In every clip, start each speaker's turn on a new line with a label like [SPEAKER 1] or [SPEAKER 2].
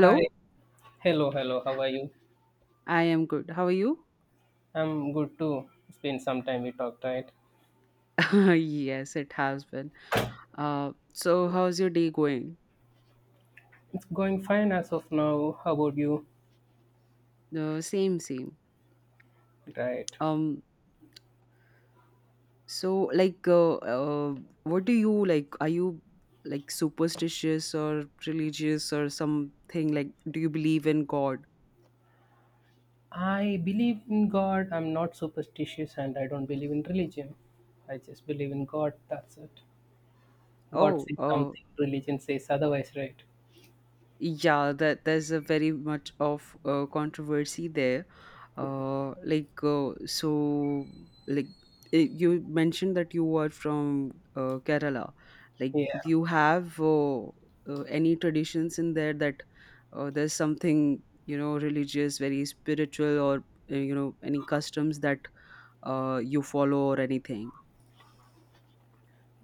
[SPEAKER 1] Hi. Hello, hello. How are you?
[SPEAKER 2] I am good. How are you?
[SPEAKER 1] I'm good too. It's been some time we talked, right?
[SPEAKER 2] Yes, it has been. So how's your day going?
[SPEAKER 1] It's going fine as of now. How about you?
[SPEAKER 2] The same, same.
[SPEAKER 1] Right.
[SPEAKER 2] Um, so like, what do you like? Are you like superstitious or religious or something? Like, do you believe in God?
[SPEAKER 1] I believe in God. I'm not superstitious and I don't believe in religion. I just believe in God. That's it. God
[SPEAKER 2] Oh,
[SPEAKER 1] says
[SPEAKER 2] oh,
[SPEAKER 1] something, religion says otherwise, right?
[SPEAKER 2] yeah, that there's a very much of controversy there. Like, so like, you mentioned that you were from Kerala. Like,
[SPEAKER 1] Yeah.
[SPEAKER 2] do you have any traditions in there, that there's something religious, very spiritual, or any customs that you follow or anything?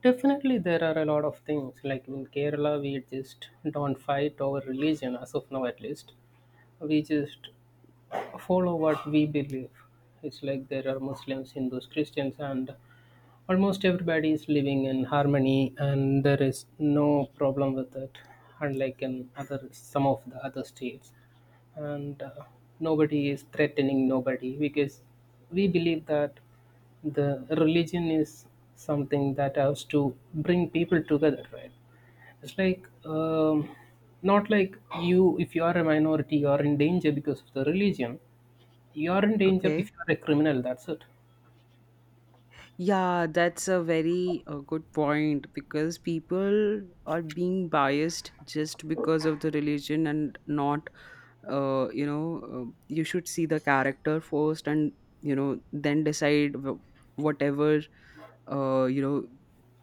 [SPEAKER 1] Definitely, there are a lot of things. Like in Kerala, we just don't fight over religion, as of now at least. We just follow what we believe. It's like there are Muslims, Hindus, Christians, and almost everybody is living in harmony, and there is no problem with it, unlike in other some of the other states. And nobody is threatening nobody because we believe that the religion is something that has to bring people together, right? It's like not like you if you are a minority you are in danger because of the religion. You are in danger
[SPEAKER 2] Okay.
[SPEAKER 1] if you are a criminal. That's it.
[SPEAKER 2] Yeah, that's a very good point, because people are being biased just because of the religion and not. uh, you know, you should see the character first and, then decide whatever. uh, you know,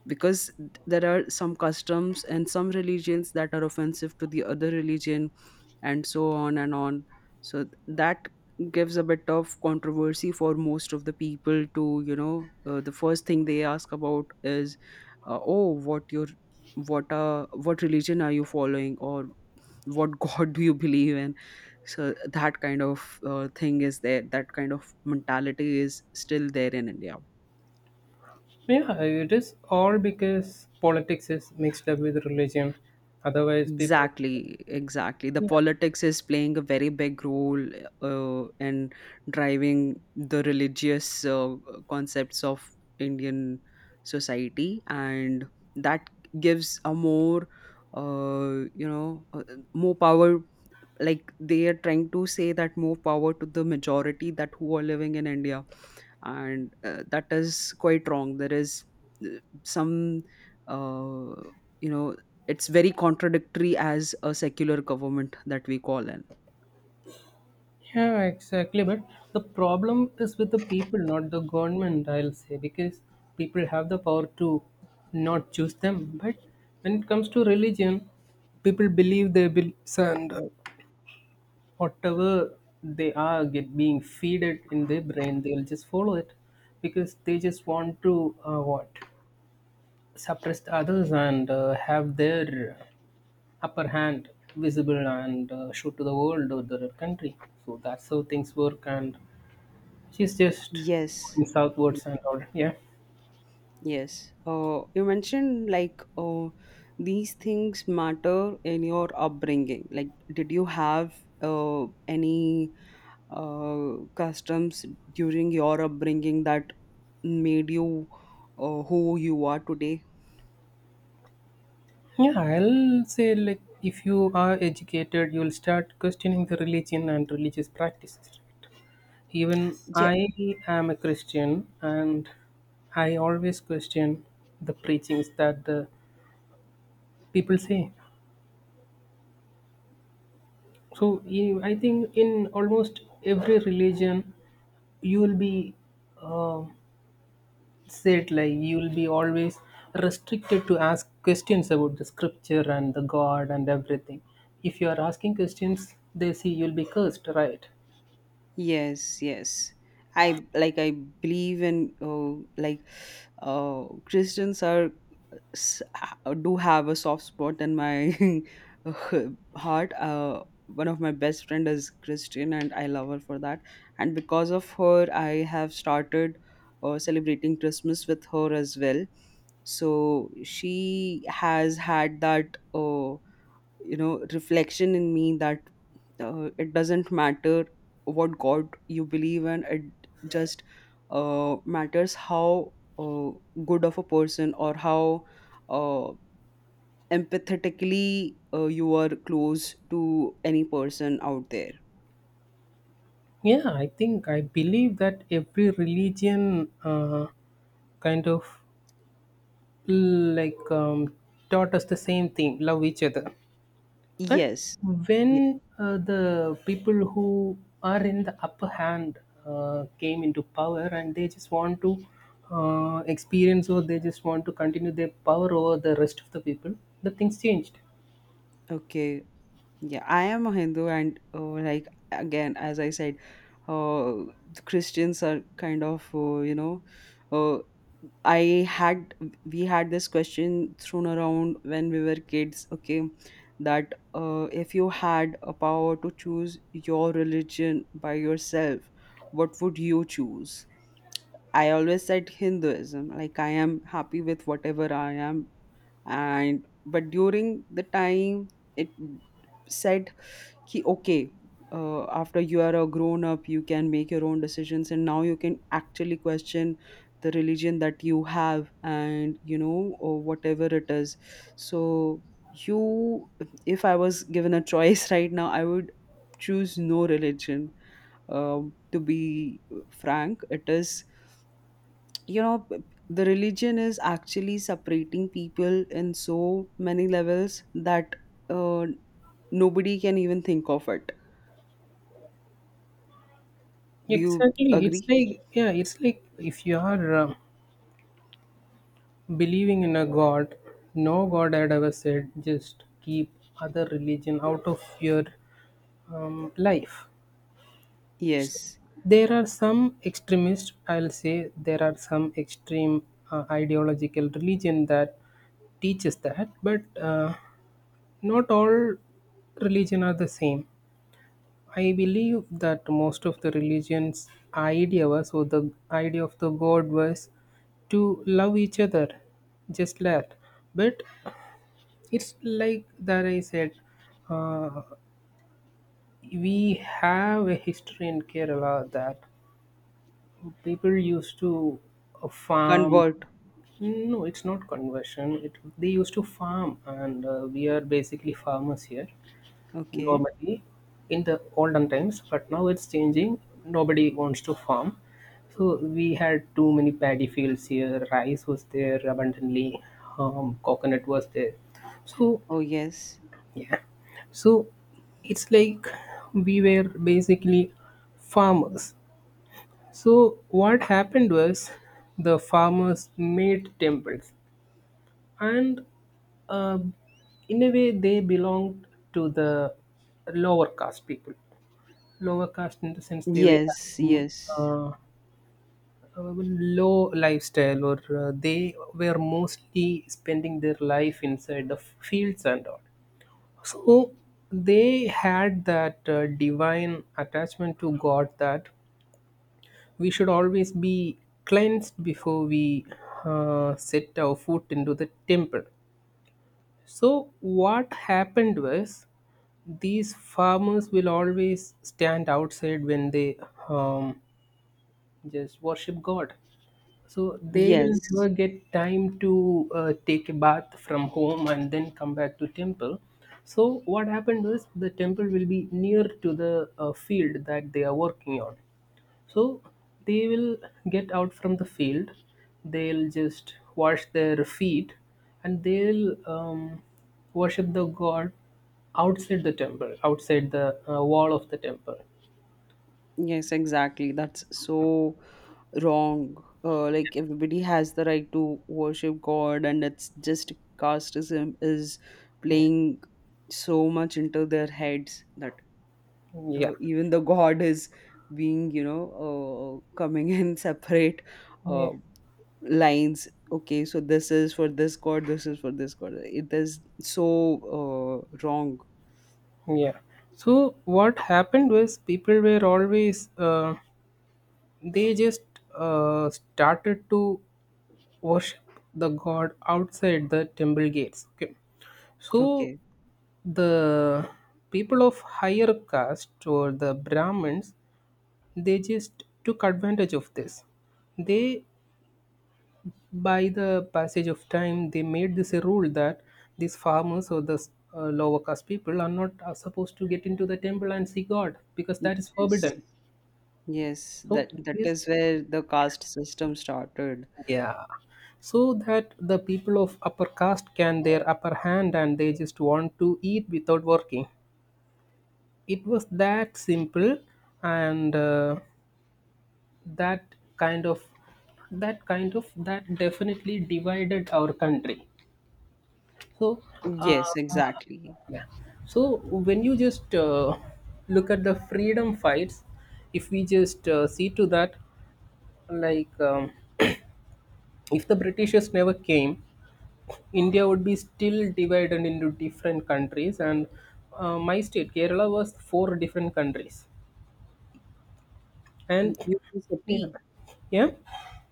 [SPEAKER 2] because there are some customs and some religions that are offensive to the other religion and so on and on. So that gives a bit of controversy for most of the people to. The first thing they ask about is, oh, what religion are you following, or what god do you believe in? So that kind of thing is there, that kind of mentality is still there in India.
[SPEAKER 1] Yeah, it is all because politics is mixed up with religion. Otherwise, people.
[SPEAKER 2] Exactly, exactly. The
[SPEAKER 1] Yeah.
[SPEAKER 2] politics is playing a very big role in driving the religious concepts of Indian society, and that gives a more, you know, more power. Like, they are trying to say that more power to the majority that who are living in India. And that is quite wrong. There is uh, some, uh, you know it's very contradictory as a secular government that we call in.
[SPEAKER 1] Yeah, exactly. But the problem is with the people, not the government, I'll say, because people have the power to not choose them. But when it comes to religion, people believe their beliefs and whatever they are get being feeded in their brain, they'll just follow it because they just want to what suppress the others and have their upper hand visible and show to the world or their country. So that's how things work, and she's just
[SPEAKER 2] Yes,
[SPEAKER 1] going southwards and all. Yeah,
[SPEAKER 2] yes. You mentioned, like, these things matter in your upbringing. Like, did you have any customs during your upbringing that made you who you are today?
[SPEAKER 1] yeah, I'll say like if you are educated, you'll start questioning the religion and religious practices. Even
[SPEAKER 2] Yeah.
[SPEAKER 1] I am a Christian, and I always question the preachings that the people say. I think in almost every religion, you will be uh, said like you will be always restricted to ask questions about the scripture and the God and everything. If you are asking questions, they see you'll be cursed, right?
[SPEAKER 2] Yes, yes. I believe in, oh, like, Christians are do have a soft spot in my heart. One of my best friend is Christian, and I love her for that. And because of her, I have started celebrating Christmas with her as well. So she has had that. Reflection in me that it doesn't matter what god you believe in. It just matters how uh, good of a person, or how uh, empathetically you are close to any person out there.
[SPEAKER 1] Yeah, I think I believe that every religion kind of like taught us the same thing, love each other. But
[SPEAKER 2] Yes.
[SPEAKER 1] when
[SPEAKER 2] Yeah.
[SPEAKER 1] the people who are in the upper hand came into power and they just want to experience, or they just want to continue their power over the rest of the people, the things changed.
[SPEAKER 2] Okay, yeah, I am a Hindu. And like, again, as I said, uh, the Christians are kind of uh, I had we had this question thrown around when we were kids. Okay, that if you had a power to choose your religion by yourself, what would you choose? I always said Hinduism, like I am happy with whatever I am. And but during the time it said ki, okay, after you are a grown up, you can make your own decisions, and now you can actually question the religion that you have, or whatever it is. So, you, if I was given a choice, right now, I would choose no religion. To be frank, it is you know p- the religion is actually separating people in so many levels that uh, nobody can even think of it. Do you
[SPEAKER 1] Exactly, it's
[SPEAKER 2] agree?
[SPEAKER 1] like, yeah, it's like if you are believing in a god, no god had ever said just keep other religion out of your life.
[SPEAKER 2] Yes.
[SPEAKER 1] There are some extremist, I'll say, there are some extreme ideological religion that teaches that, but not all religion are the same. I believe that most of the religions' idea was, or the idea of the God was, to love each other, just that. But it's like that I said, uh, we have a history in Kerala that people used to farm.
[SPEAKER 2] Convert.
[SPEAKER 1] No, it's not conversion. It, they used to farm, and we are basically farmers here
[SPEAKER 2] Okay.
[SPEAKER 1] normally in the olden times, but now it's changing. Nobody wants to farm. So we had too many paddy fields here. Rice was there abundantly, coconut was there. So,
[SPEAKER 2] Oh, yes.
[SPEAKER 1] yeah. So it's like we were basically farmers. So what happened was the farmers made temples, and uh, in a way they belonged to the lower caste people. Lower caste in the sense they were
[SPEAKER 2] Yes.
[SPEAKER 1] having,
[SPEAKER 2] Yes.
[SPEAKER 1] uh, a low lifestyle, or they were mostly spending their life inside the fields and all. So they had that divine attachment to God that we should always be cleansed before we set our foot into the temple. So, what happened was these farmers will always stand outside when they um, just worship God. So, they will never
[SPEAKER 2] Yes.
[SPEAKER 1] get time to take a bath from home and then come back to temple. So, what happened was the temple will be near to the field that they are working on. So they will get out from the field, they'll just wash their feet, and they'll worship the god outside the temple, outside the wall of the temple.
[SPEAKER 2] Yes, exactly, that's so wrong. Like, everybody has the right to worship god, and it's just casteism is
[SPEAKER 1] Yeah.
[SPEAKER 2] playing so much into their heads that
[SPEAKER 1] Yeah.
[SPEAKER 2] even the god is being, you know, coming in separate
[SPEAKER 1] Yeah.
[SPEAKER 2] uh, lines. Okay, so this is for this god, this is for this god. It is so wrong.
[SPEAKER 1] Yeah. So what happened was people were always they just started to worship the god outside the temple gates. Okay. So
[SPEAKER 2] Okay.
[SPEAKER 1] the people of higher caste or the brahmins, they just took advantage of this. They, by the passage of time, they made this a rule that these farmers or the lower caste people are not, are supposed to get into the temple and see god because that is
[SPEAKER 2] Yes,
[SPEAKER 1] forbidden.
[SPEAKER 2] yes,
[SPEAKER 1] So
[SPEAKER 2] that
[SPEAKER 1] this,
[SPEAKER 2] is where the caste system started.
[SPEAKER 1] yeah, so that the people of upper caste can their upper hand, and they just want to eat without working. It was that simple. And that kind of, that kind of, that definitely divided our country. So uh,
[SPEAKER 2] Yes, exactly.
[SPEAKER 1] yeah. So when you just look at the freedom fights, if we just see to that, like if the britishers never came, india would be still divided into different countries, and my state kerala was four different countries.
[SPEAKER 2] Mm,
[SPEAKER 1] And
[SPEAKER 2] you mean
[SPEAKER 1] yeah,
[SPEAKER 2] city.
[SPEAKER 1] yeah.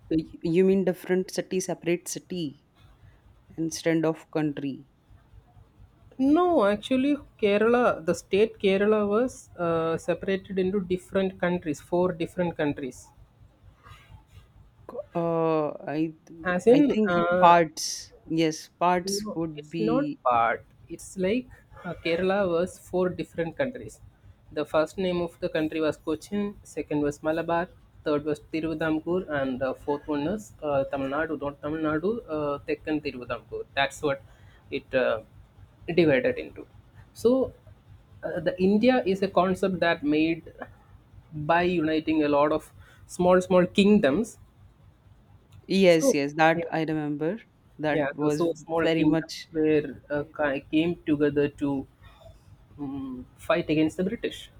[SPEAKER 2] You mean different city, separate city, instead of country.
[SPEAKER 1] No, actually, Kerala, the state Kerala was separated into different countries, four different countries. As
[SPEAKER 2] I
[SPEAKER 1] in,
[SPEAKER 2] think parts. Yes, parts
[SPEAKER 1] no,
[SPEAKER 2] would
[SPEAKER 1] it's not
[SPEAKER 2] be.
[SPEAKER 1] part. It's like Kerala was four different countries. The first name of the country was Cochin, second was Malabar, third was Tiruvadamkur, and fourth one was Tamil Nadu, not Tamil Nadu, Deccan Tiruvadamkur. That's what it divided into. So, the India is a concept that made by uniting a lot of small, small kingdoms.
[SPEAKER 2] Yes,
[SPEAKER 1] So,
[SPEAKER 2] yes,
[SPEAKER 1] yeah.
[SPEAKER 2] that I remember.
[SPEAKER 1] Yeah,
[SPEAKER 2] That
[SPEAKER 1] the
[SPEAKER 2] was
[SPEAKER 1] so small
[SPEAKER 2] very
[SPEAKER 1] kingdoms
[SPEAKER 2] much.
[SPEAKER 1] were
[SPEAKER 2] eh,
[SPEAKER 1] came together to fight against the British.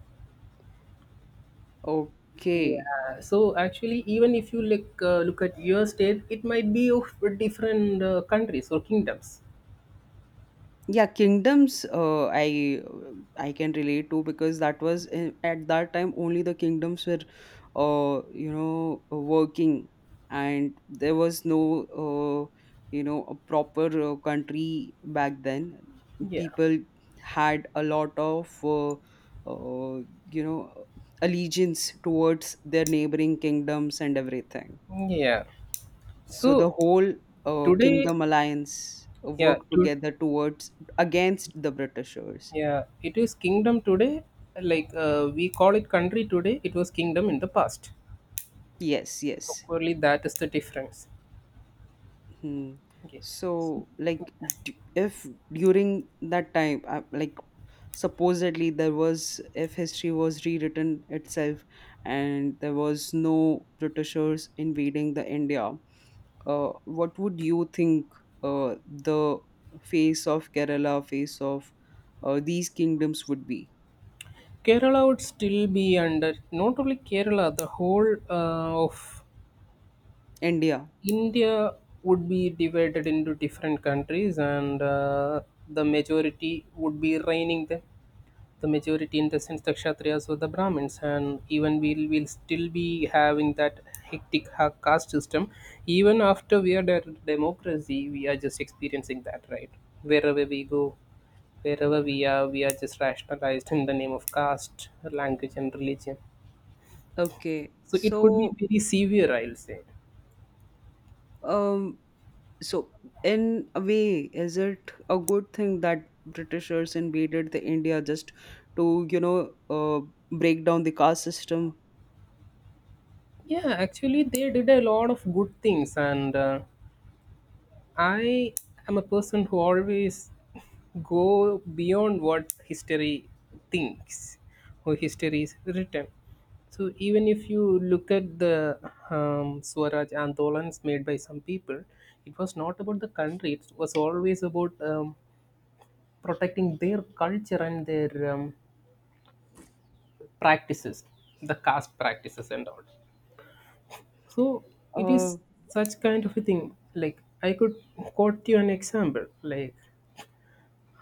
[SPEAKER 2] okay.
[SPEAKER 1] Yeah, so actually, even if you look at your state, it might be of different countries or kingdoms.
[SPEAKER 2] Yeah, kingdoms. I can relate to, because that was at that time only the kingdoms were working, and there was no uh, a proper country back then.
[SPEAKER 1] Yeah,
[SPEAKER 2] People had a lot of uh, you know allegiance towards their neighboring kingdoms and everything.
[SPEAKER 1] yeah.
[SPEAKER 2] So the
[SPEAKER 1] So
[SPEAKER 2] whole
[SPEAKER 1] today,
[SPEAKER 2] Kingdom Alliance
[SPEAKER 1] yeah,
[SPEAKER 2] worked
[SPEAKER 1] to,
[SPEAKER 2] together towards, against the Britishers.
[SPEAKER 1] yeah, it is kingdom today. Like we call it country today. It was kingdom in the past.
[SPEAKER 2] Yes,
[SPEAKER 1] So
[SPEAKER 2] yes.
[SPEAKER 1] clearly, that is the difference.
[SPEAKER 2] Hmm.
[SPEAKER 1] Okay.
[SPEAKER 2] So, like, if during that time, like, supposedly there was, if history was rewritten itself and there was no Britishers invading the India, what would you think the face of Kerala, face of these kingdoms would be?
[SPEAKER 1] Kerala would still be under, not only Kerala, the whole of
[SPEAKER 2] India.
[SPEAKER 1] India would be divided into different countries, and the majority would be reigning there. The majority in the sense the Kshatriyas or the Brahmins, and even we'll still be having that caste system. Even after we are the democracy, we are just experiencing that, right? Wherever we go, wherever we are just rationalized in the name of caste, language, and religion.
[SPEAKER 2] Okay.
[SPEAKER 1] So it could be
[SPEAKER 2] So,
[SPEAKER 1] very severe, I'll say.
[SPEAKER 2] um, so in a way, is it a good thing that Britishers invaded the India, just to, break down the caste system?
[SPEAKER 1] Yeah, actually, they did a lot of good things, and I am a person who always go beyond what history thinks or history is written. So even if you look at the Swaraj Andolans made by some people, it was not about the country. It was always about protecting their culture and their practices, the caste practices and all. So it
[SPEAKER 2] Uh,
[SPEAKER 1] is such kind of a thing. Like I could quote you an example. Like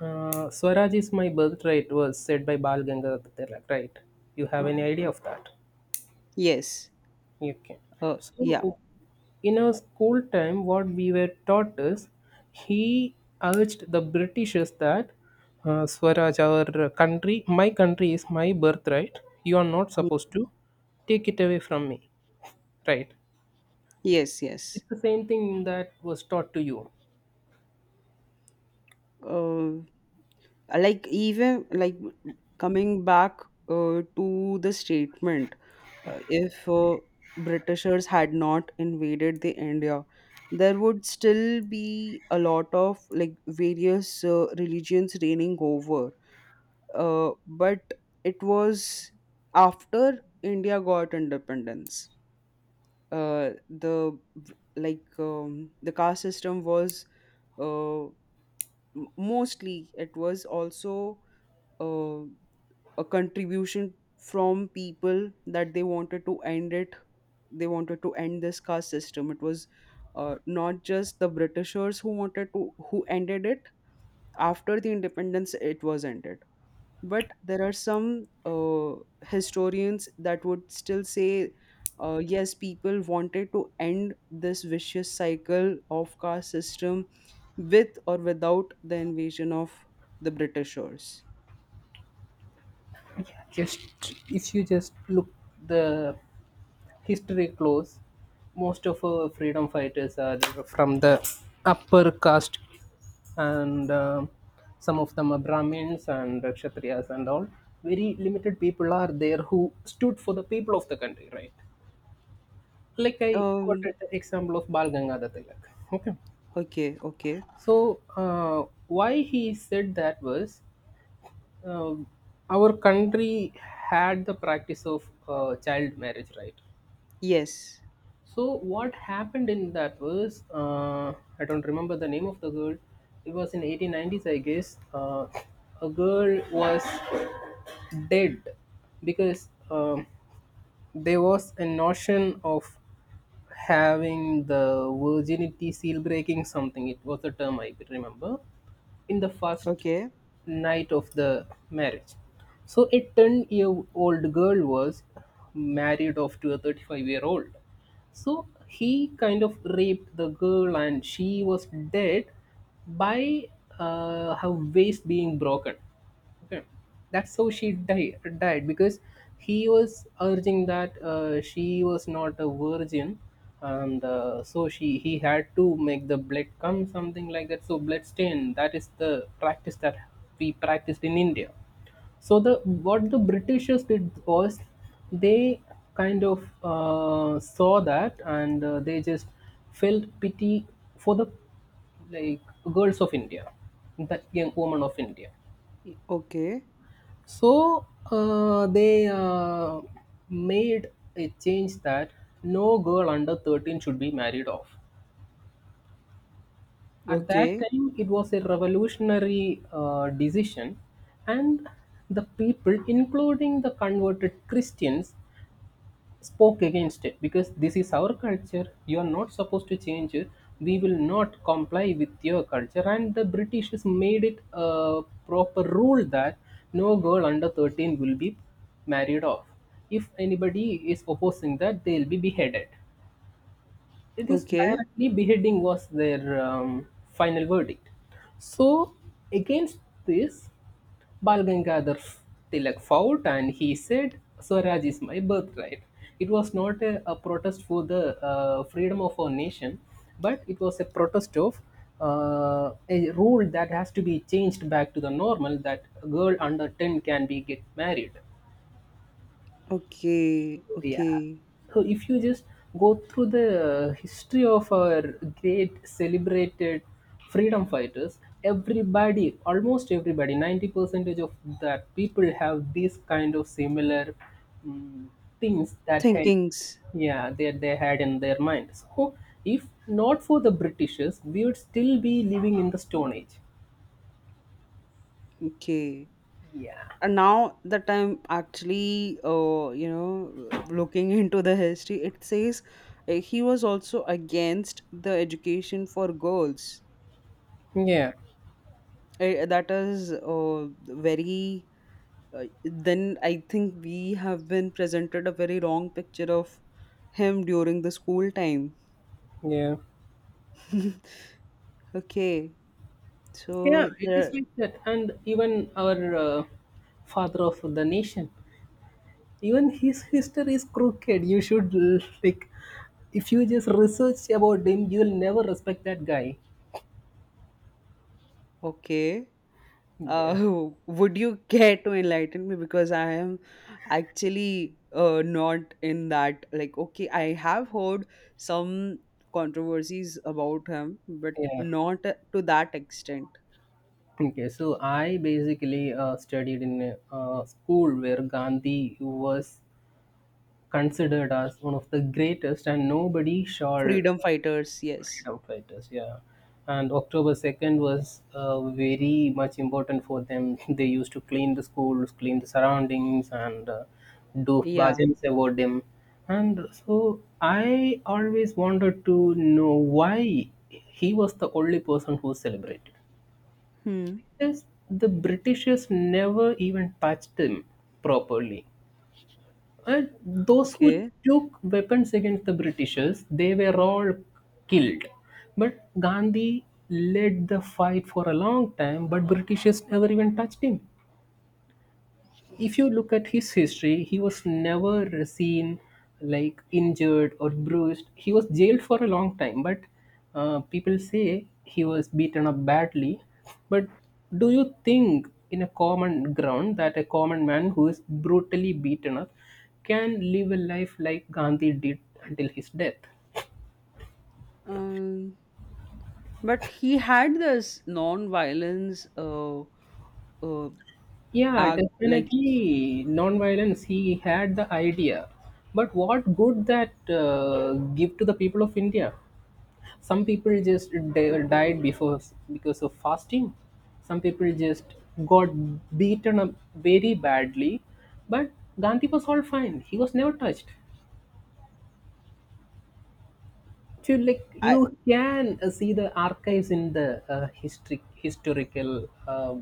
[SPEAKER 1] Swaraj is my birthright was said by Bal Gangadhar Tilak. Right? You have any idea of that?
[SPEAKER 2] yes.
[SPEAKER 1] Okay.
[SPEAKER 2] Yeah.
[SPEAKER 1] So in our school time, what we were taught is he urged the Britishers that Swaraj, our country, my country is my birthright. You are not
[SPEAKER 2] Mhm.
[SPEAKER 1] supposed to take it away from me. Right?
[SPEAKER 2] Yes, yes.
[SPEAKER 1] It's the same thing that was taught to you.
[SPEAKER 2] Uh, like, even like coming back to the statement, if Britishers had not invaded the India, there would still be a lot of like various religions reigning over. But it was after India got independence. Uh, the the caste system was uh, mostly, it was also. Uh, a contribution from people, that they wanted to end it. They wanted to end this caste system. It was not just the Britishers who wanted to, who ended it. After the independence, it was ended. But there are some uh, historians that would still say, yes, people wanted to end this vicious cycle of caste system, with or without the invasion of the Britishers.
[SPEAKER 1] Yeah, just if you just look the history close, most of our freedom fighters are from the upper caste, and some of them are Brahmins and Kshatriyas and all. Very limited people are there who stood for the people of the country, right? Like I
[SPEAKER 2] um
[SPEAKER 1] quoted the example of Bal Gangadhar Tilak. Okay,
[SPEAKER 2] okay, okay.
[SPEAKER 1] so why he said that was um, our country had the practice of child marriage, right?
[SPEAKER 2] Yes.
[SPEAKER 1] So what happened in that was I don't remember the name of the girl. It was in 1890s, I guess. A girl was dead because there was a notion of having the virginity seal breaking something. It was a term I remember in the first
[SPEAKER 2] Okay.
[SPEAKER 1] night of the marriage. So a 10-year-old year old girl was married off to a 35-year-old year old. So he kind of raped the girl and she was dead by her waist being broken. Okay. That's how she died, died because he was urging that she was not a virgin, and so she he had to make the blood come something like that. So blood stain, that is the practice that we practiced in India. So the what the Britishers did was they kind of saw that and they just felt pity for the like girls of India, that young woman of India.
[SPEAKER 2] Okay.
[SPEAKER 1] So they made a change that no girl under 13 should be married off. At that
[SPEAKER 2] Okay.
[SPEAKER 1] time, it was a revolutionary decision, and the people, including the converted Christians, spoke against it because this is our culture. You are not supposed to change it. We will not comply with your culture. And the british has made it a proper rule that no girl under 13 will be married off. If anybody is opposing that, they'll be beheaded. It is
[SPEAKER 2] Okay.
[SPEAKER 1] directly beheading was their final verdict. So against this, Bal Gangadhar Tilak fought, and he said, Swaraj is my birthright. It was not a protest for the freedom of our nation, but it was a protest of a rule that has to be changed back to the normal that a girl under 10 can be get married.
[SPEAKER 2] Okay.
[SPEAKER 1] So, yeah,
[SPEAKER 2] Okay.
[SPEAKER 1] so if you just go through the history of our great celebrated freedom fighters, everybody, almost everybody, 90 percentage of that people have these kind of similar mm, things that had.
[SPEAKER 2] Thinkings.
[SPEAKER 1] Yeah, they had in their mind. So if not for the britishers, we would still be living in the stone age.
[SPEAKER 2] Okay.
[SPEAKER 1] Yeah.
[SPEAKER 2] And now that I'm actually, looking into the history, it says he was also against the education for girls.
[SPEAKER 1] Yeah.
[SPEAKER 2] That is very. Then I think we have been presented a very wrong picture of him during the school time.
[SPEAKER 1] Yeah.
[SPEAKER 2] Okay.
[SPEAKER 1] Yeah,
[SPEAKER 2] So
[SPEAKER 1] it is
[SPEAKER 2] there.
[SPEAKER 1] like that. And even our father of the nation, even his history is crooked. You should, like, if you just research about him, you'll never respect that guy.
[SPEAKER 2] Okay.
[SPEAKER 1] Yeah,
[SPEAKER 2] Uh, would you care to enlighten me? Because I am actually not in that. Like, okay, I have heard some controversies about him, but
[SPEAKER 1] yeah.
[SPEAKER 2] not to that extent.
[SPEAKER 1] Okay, so I basically studied in a school where Gandhi was considered as one of the greatest, and nobody shall.
[SPEAKER 2] Freedom fighters, yes.
[SPEAKER 1] Outriders, yeah. And October 2nd was very much important for them. They used to clean the schools, clean the surroundings, and do
[SPEAKER 2] Yeah.
[SPEAKER 1] bhajans about them. And so I always wanted to know why he was the only person who celebrated.
[SPEAKER 2] Hmm.
[SPEAKER 1] Because the Britishers never even touched him properly. And those who
[SPEAKER 2] Okay.
[SPEAKER 1] took weapons against the Britishers, they were all killed. But Gandhi led the fight for a long time, but Britishers never even touched him. If you look at his history, he was never seen like injured or bruised. He was jailed for a long time, but people say he was beaten up badly. But do you think, in a common ground, that a common man who is brutally beaten up can live a life like Gandhi did until his death?
[SPEAKER 2] Um, but he had this non-violence uh
[SPEAKER 1] Yeah,
[SPEAKER 2] act, like,
[SPEAKER 1] definitely non-violence. He had the idea, but what good that give to the people of India? Some people just died before because of fasting. Some people just got beaten up very badly, but gandhi was all fine. He was never touched. To, like, you
[SPEAKER 2] I.
[SPEAKER 1] can see the archives in the history historical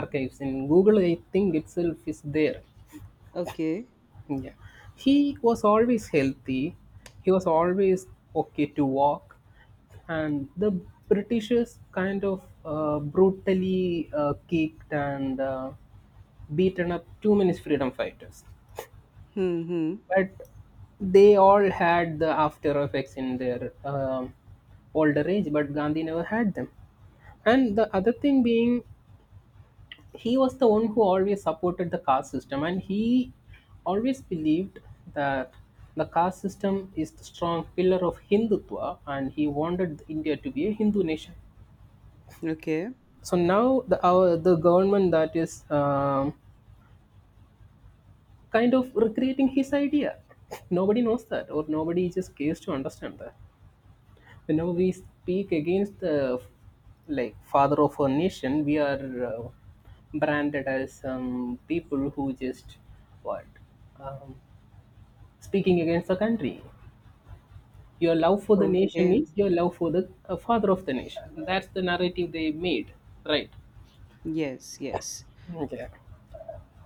[SPEAKER 1] archives in google, I think, itself is there.
[SPEAKER 2] Okay.
[SPEAKER 1] Yeah. He was always healthy. He was always okay to walk. And the Britishers kind of brutally kicked and beaten up too many freedom fighters.
[SPEAKER 2] Hmm. Hmm.
[SPEAKER 1] But they all had the after effects in their older age, but Gandhi never had them. And the other thing being, he was the one who always supported the caste system, and he always believed that the caste system is the strong pillar of hindutva, and he wanted india to be a hindu nation.
[SPEAKER 2] Okay.
[SPEAKER 1] So now the government that is kind of recreating his idea, nobody knows that or nobody just cares to understand that. We speak against the like father of our nation. We are uh, branded as some people who just what, um, speaking against the country. Your love for the nation
[SPEAKER 2] Okay.
[SPEAKER 1] is your love for the father of the nation. That's the narrative they made, right?
[SPEAKER 2] Yes, yes.
[SPEAKER 1] Okay.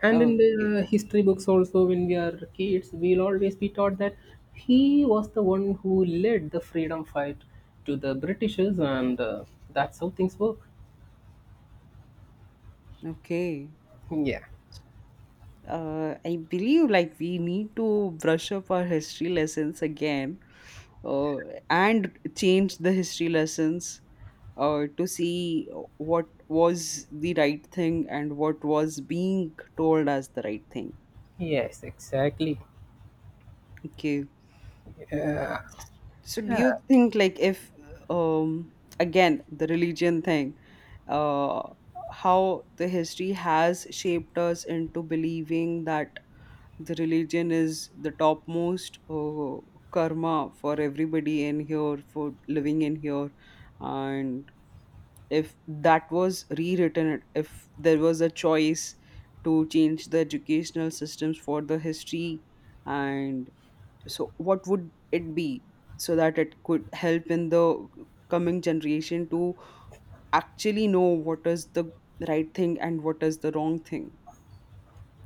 [SPEAKER 1] And in
[SPEAKER 2] Okay,
[SPEAKER 1] the history books also, when we are kids, we'll always be taught that he was the one who led the freedom fight to the britishers, and that's how things work.
[SPEAKER 2] okay.
[SPEAKER 1] Yeah.
[SPEAKER 2] I believe, like, we need to brush up our history lessons again, uh, and change the history lessons, to see what was the right thing and what was being told as the right thing.
[SPEAKER 1] Yes, exactly.
[SPEAKER 2] Okay.
[SPEAKER 1] Uh,
[SPEAKER 2] So do you
[SPEAKER 1] yeah.
[SPEAKER 2] think, like, if um again, the religion thing, uh, how the history has shaped us into believing that the religion is the topmost karma for everybody in here, for living in here, and if that was rewritten, if there was a choice to change the educational systems for the history, and so what would it be, so that it could help in the coming generation to actually know what is the right thing and what is the wrong thing?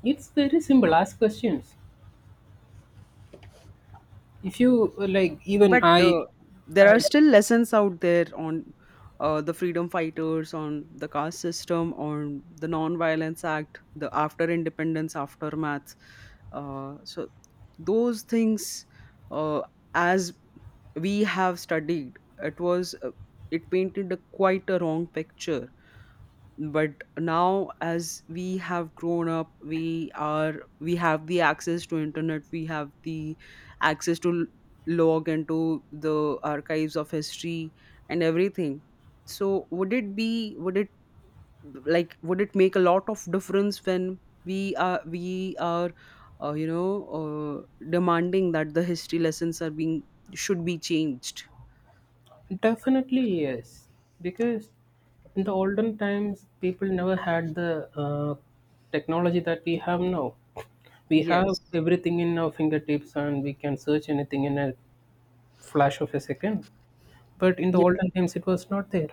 [SPEAKER 1] It's very simple. Ask questions. If you like, even
[SPEAKER 2] But
[SPEAKER 1] I,
[SPEAKER 2] there
[SPEAKER 1] I
[SPEAKER 2] are still lessons out there on the freedom fighters, on the caste system, on the Non-Violence Act, the after independence aftermath. So those things, uh, as we have studied, it was it painted a quite a wrong picture. But now, as we have grown up, we have the access to internet. We have the access to log into the archives of history and everything. So would it be, would it like, would it make a lot of difference when we are uh, you know demanding that the history lessons are being, should be changed?
[SPEAKER 1] definitely, yes, because in the olden times, people never had the technology that we have now. We have
[SPEAKER 2] Yes.
[SPEAKER 1] everything in our fingertips, and we can search anything in a flash of a second. But in the olden times, it was not there.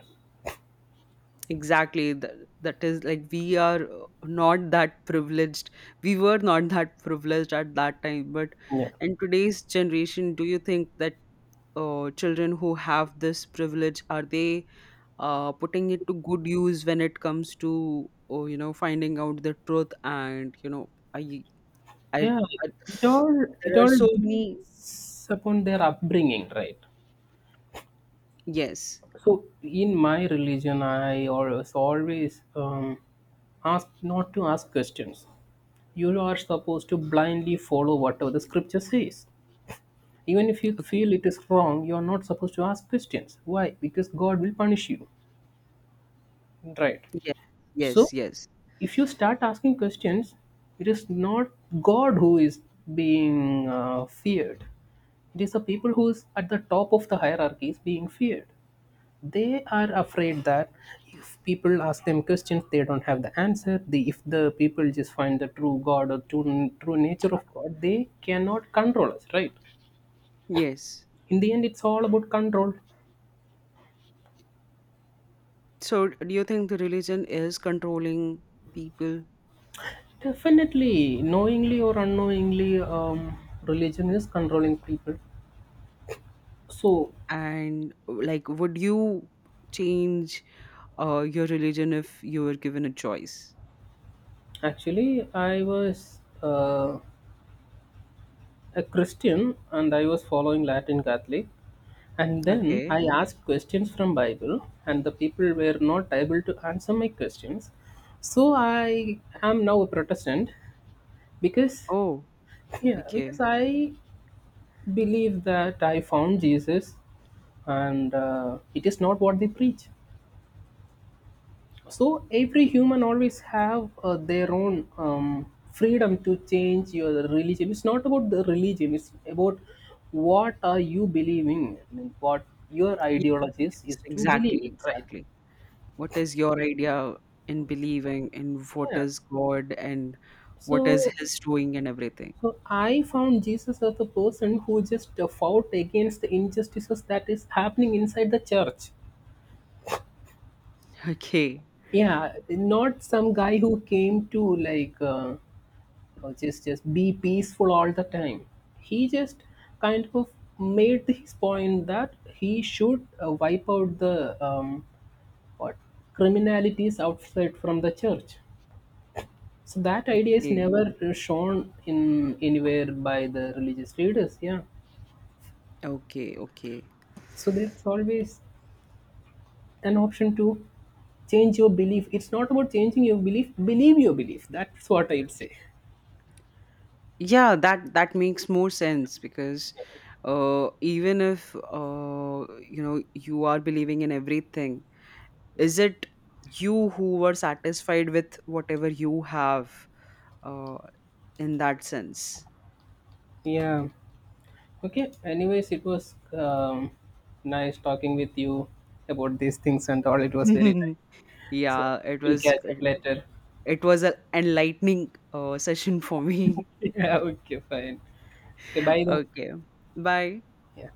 [SPEAKER 2] Exactly. That is like we are not that privileged. We were not that privileged at that time. But
[SPEAKER 1] Yeah.
[SPEAKER 2] in today's generation, do you think that children who have this privilege, are they putting it to good use when it comes to, oh, finding out the truth and you know I I,
[SPEAKER 1] Yeah,
[SPEAKER 2] I
[SPEAKER 1] it all, it
[SPEAKER 2] there are
[SPEAKER 1] all
[SPEAKER 2] so many.
[SPEAKER 1] depends upon their upbringing, right?
[SPEAKER 2] Yes.
[SPEAKER 1] So in my religion, I always ask not to ask questions. You are supposed to blindly follow whatever the scripture says. Even if you
[SPEAKER 2] Okay.
[SPEAKER 1] feel it is wrong, you are not supposed to ask questions. Why? Because God will punish you, right?
[SPEAKER 2] Yes,
[SPEAKER 1] So,
[SPEAKER 2] yes, yes,
[SPEAKER 1] if you start asking questions, it is not God who is being feared. It is the people who is at the top of the hierarchy is being feared. They are afraid that if people ask them questions, they don't have the answer. If the people just find the true God or true nature of God, they cannot control us, right?
[SPEAKER 2] yes.
[SPEAKER 1] In the end, it's all about control.
[SPEAKER 2] So do you think the religion is controlling people?
[SPEAKER 1] Definitely, knowingly or unknowingly, religion is controlling people. So
[SPEAKER 2] And, like, would you change your religion if you were given a choice?
[SPEAKER 1] actually, I was a Christian, and I was following Latin Catholic. And then
[SPEAKER 2] Okay.
[SPEAKER 1] I asked questions from Bible, and the people were not able to answer my questions. So I am now a Protestant because,
[SPEAKER 2] Oh,
[SPEAKER 1] yeah, because
[SPEAKER 2] okay.
[SPEAKER 1] I believe that I found Jesus, and it is not what they preach. So every human always have their own freedom to change your religion. It's not about the religion. It's about, what are you believing? I mean, what your
[SPEAKER 2] Yes,
[SPEAKER 1] ideologies
[SPEAKER 2] yes,
[SPEAKER 1] is to believe
[SPEAKER 2] exactly,
[SPEAKER 1] in, right?
[SPEAKER 2] exactly. What is your idea in believing in what
[SPEAKER 1] Yeah.
[SPEAKER 2] is God and what is
[SPEAKER 1] So,
[SPEAKER 2] His doing and everything?
[SPEAKER 1] so, I found Jesus as a person who just fought against the injustices that is happening inside the church.
[SPEAKER 2] Okay,
[SPEAKER 1] Yeah, not some guy who came to like. Or just be peaceful all the time. He just kind of made his point that he should wipe out the what criminalities outside from the church. So that idea is
[SPEAKER 2] okay,
[SPEAKER 1] never shown in anywhere by the religious leaders. Yeah.
[SPEAKER 2] okay, okay.
[SPEAKER 1] So there's always an option to change your belief. It's not about changing your belief. Believe your belief. That's what I'd say.
[SPEAKER 2] Yeah, that makes more sense. Because even if you are believing in everything, is it you who were satisfied with whatever you have uh, in that sense?
[SPEAKER 1] Yeah. Okay, anyways, it was nice talking with you about these things and all. It was very nice. So
[SPEAKER 2] Yeah, it
[SPEAKER 1] we'll
[SPEAKER 2] was
[SPEAKER 1] catch up later.
[SPEAKER 2] it was an enlightening session for me.
[SPEAKER 1] Yeah, okay, fine. Okay, bye then.
[SPEAKER 2] Okay. Bye.
[SPEAKER 1] Yeah.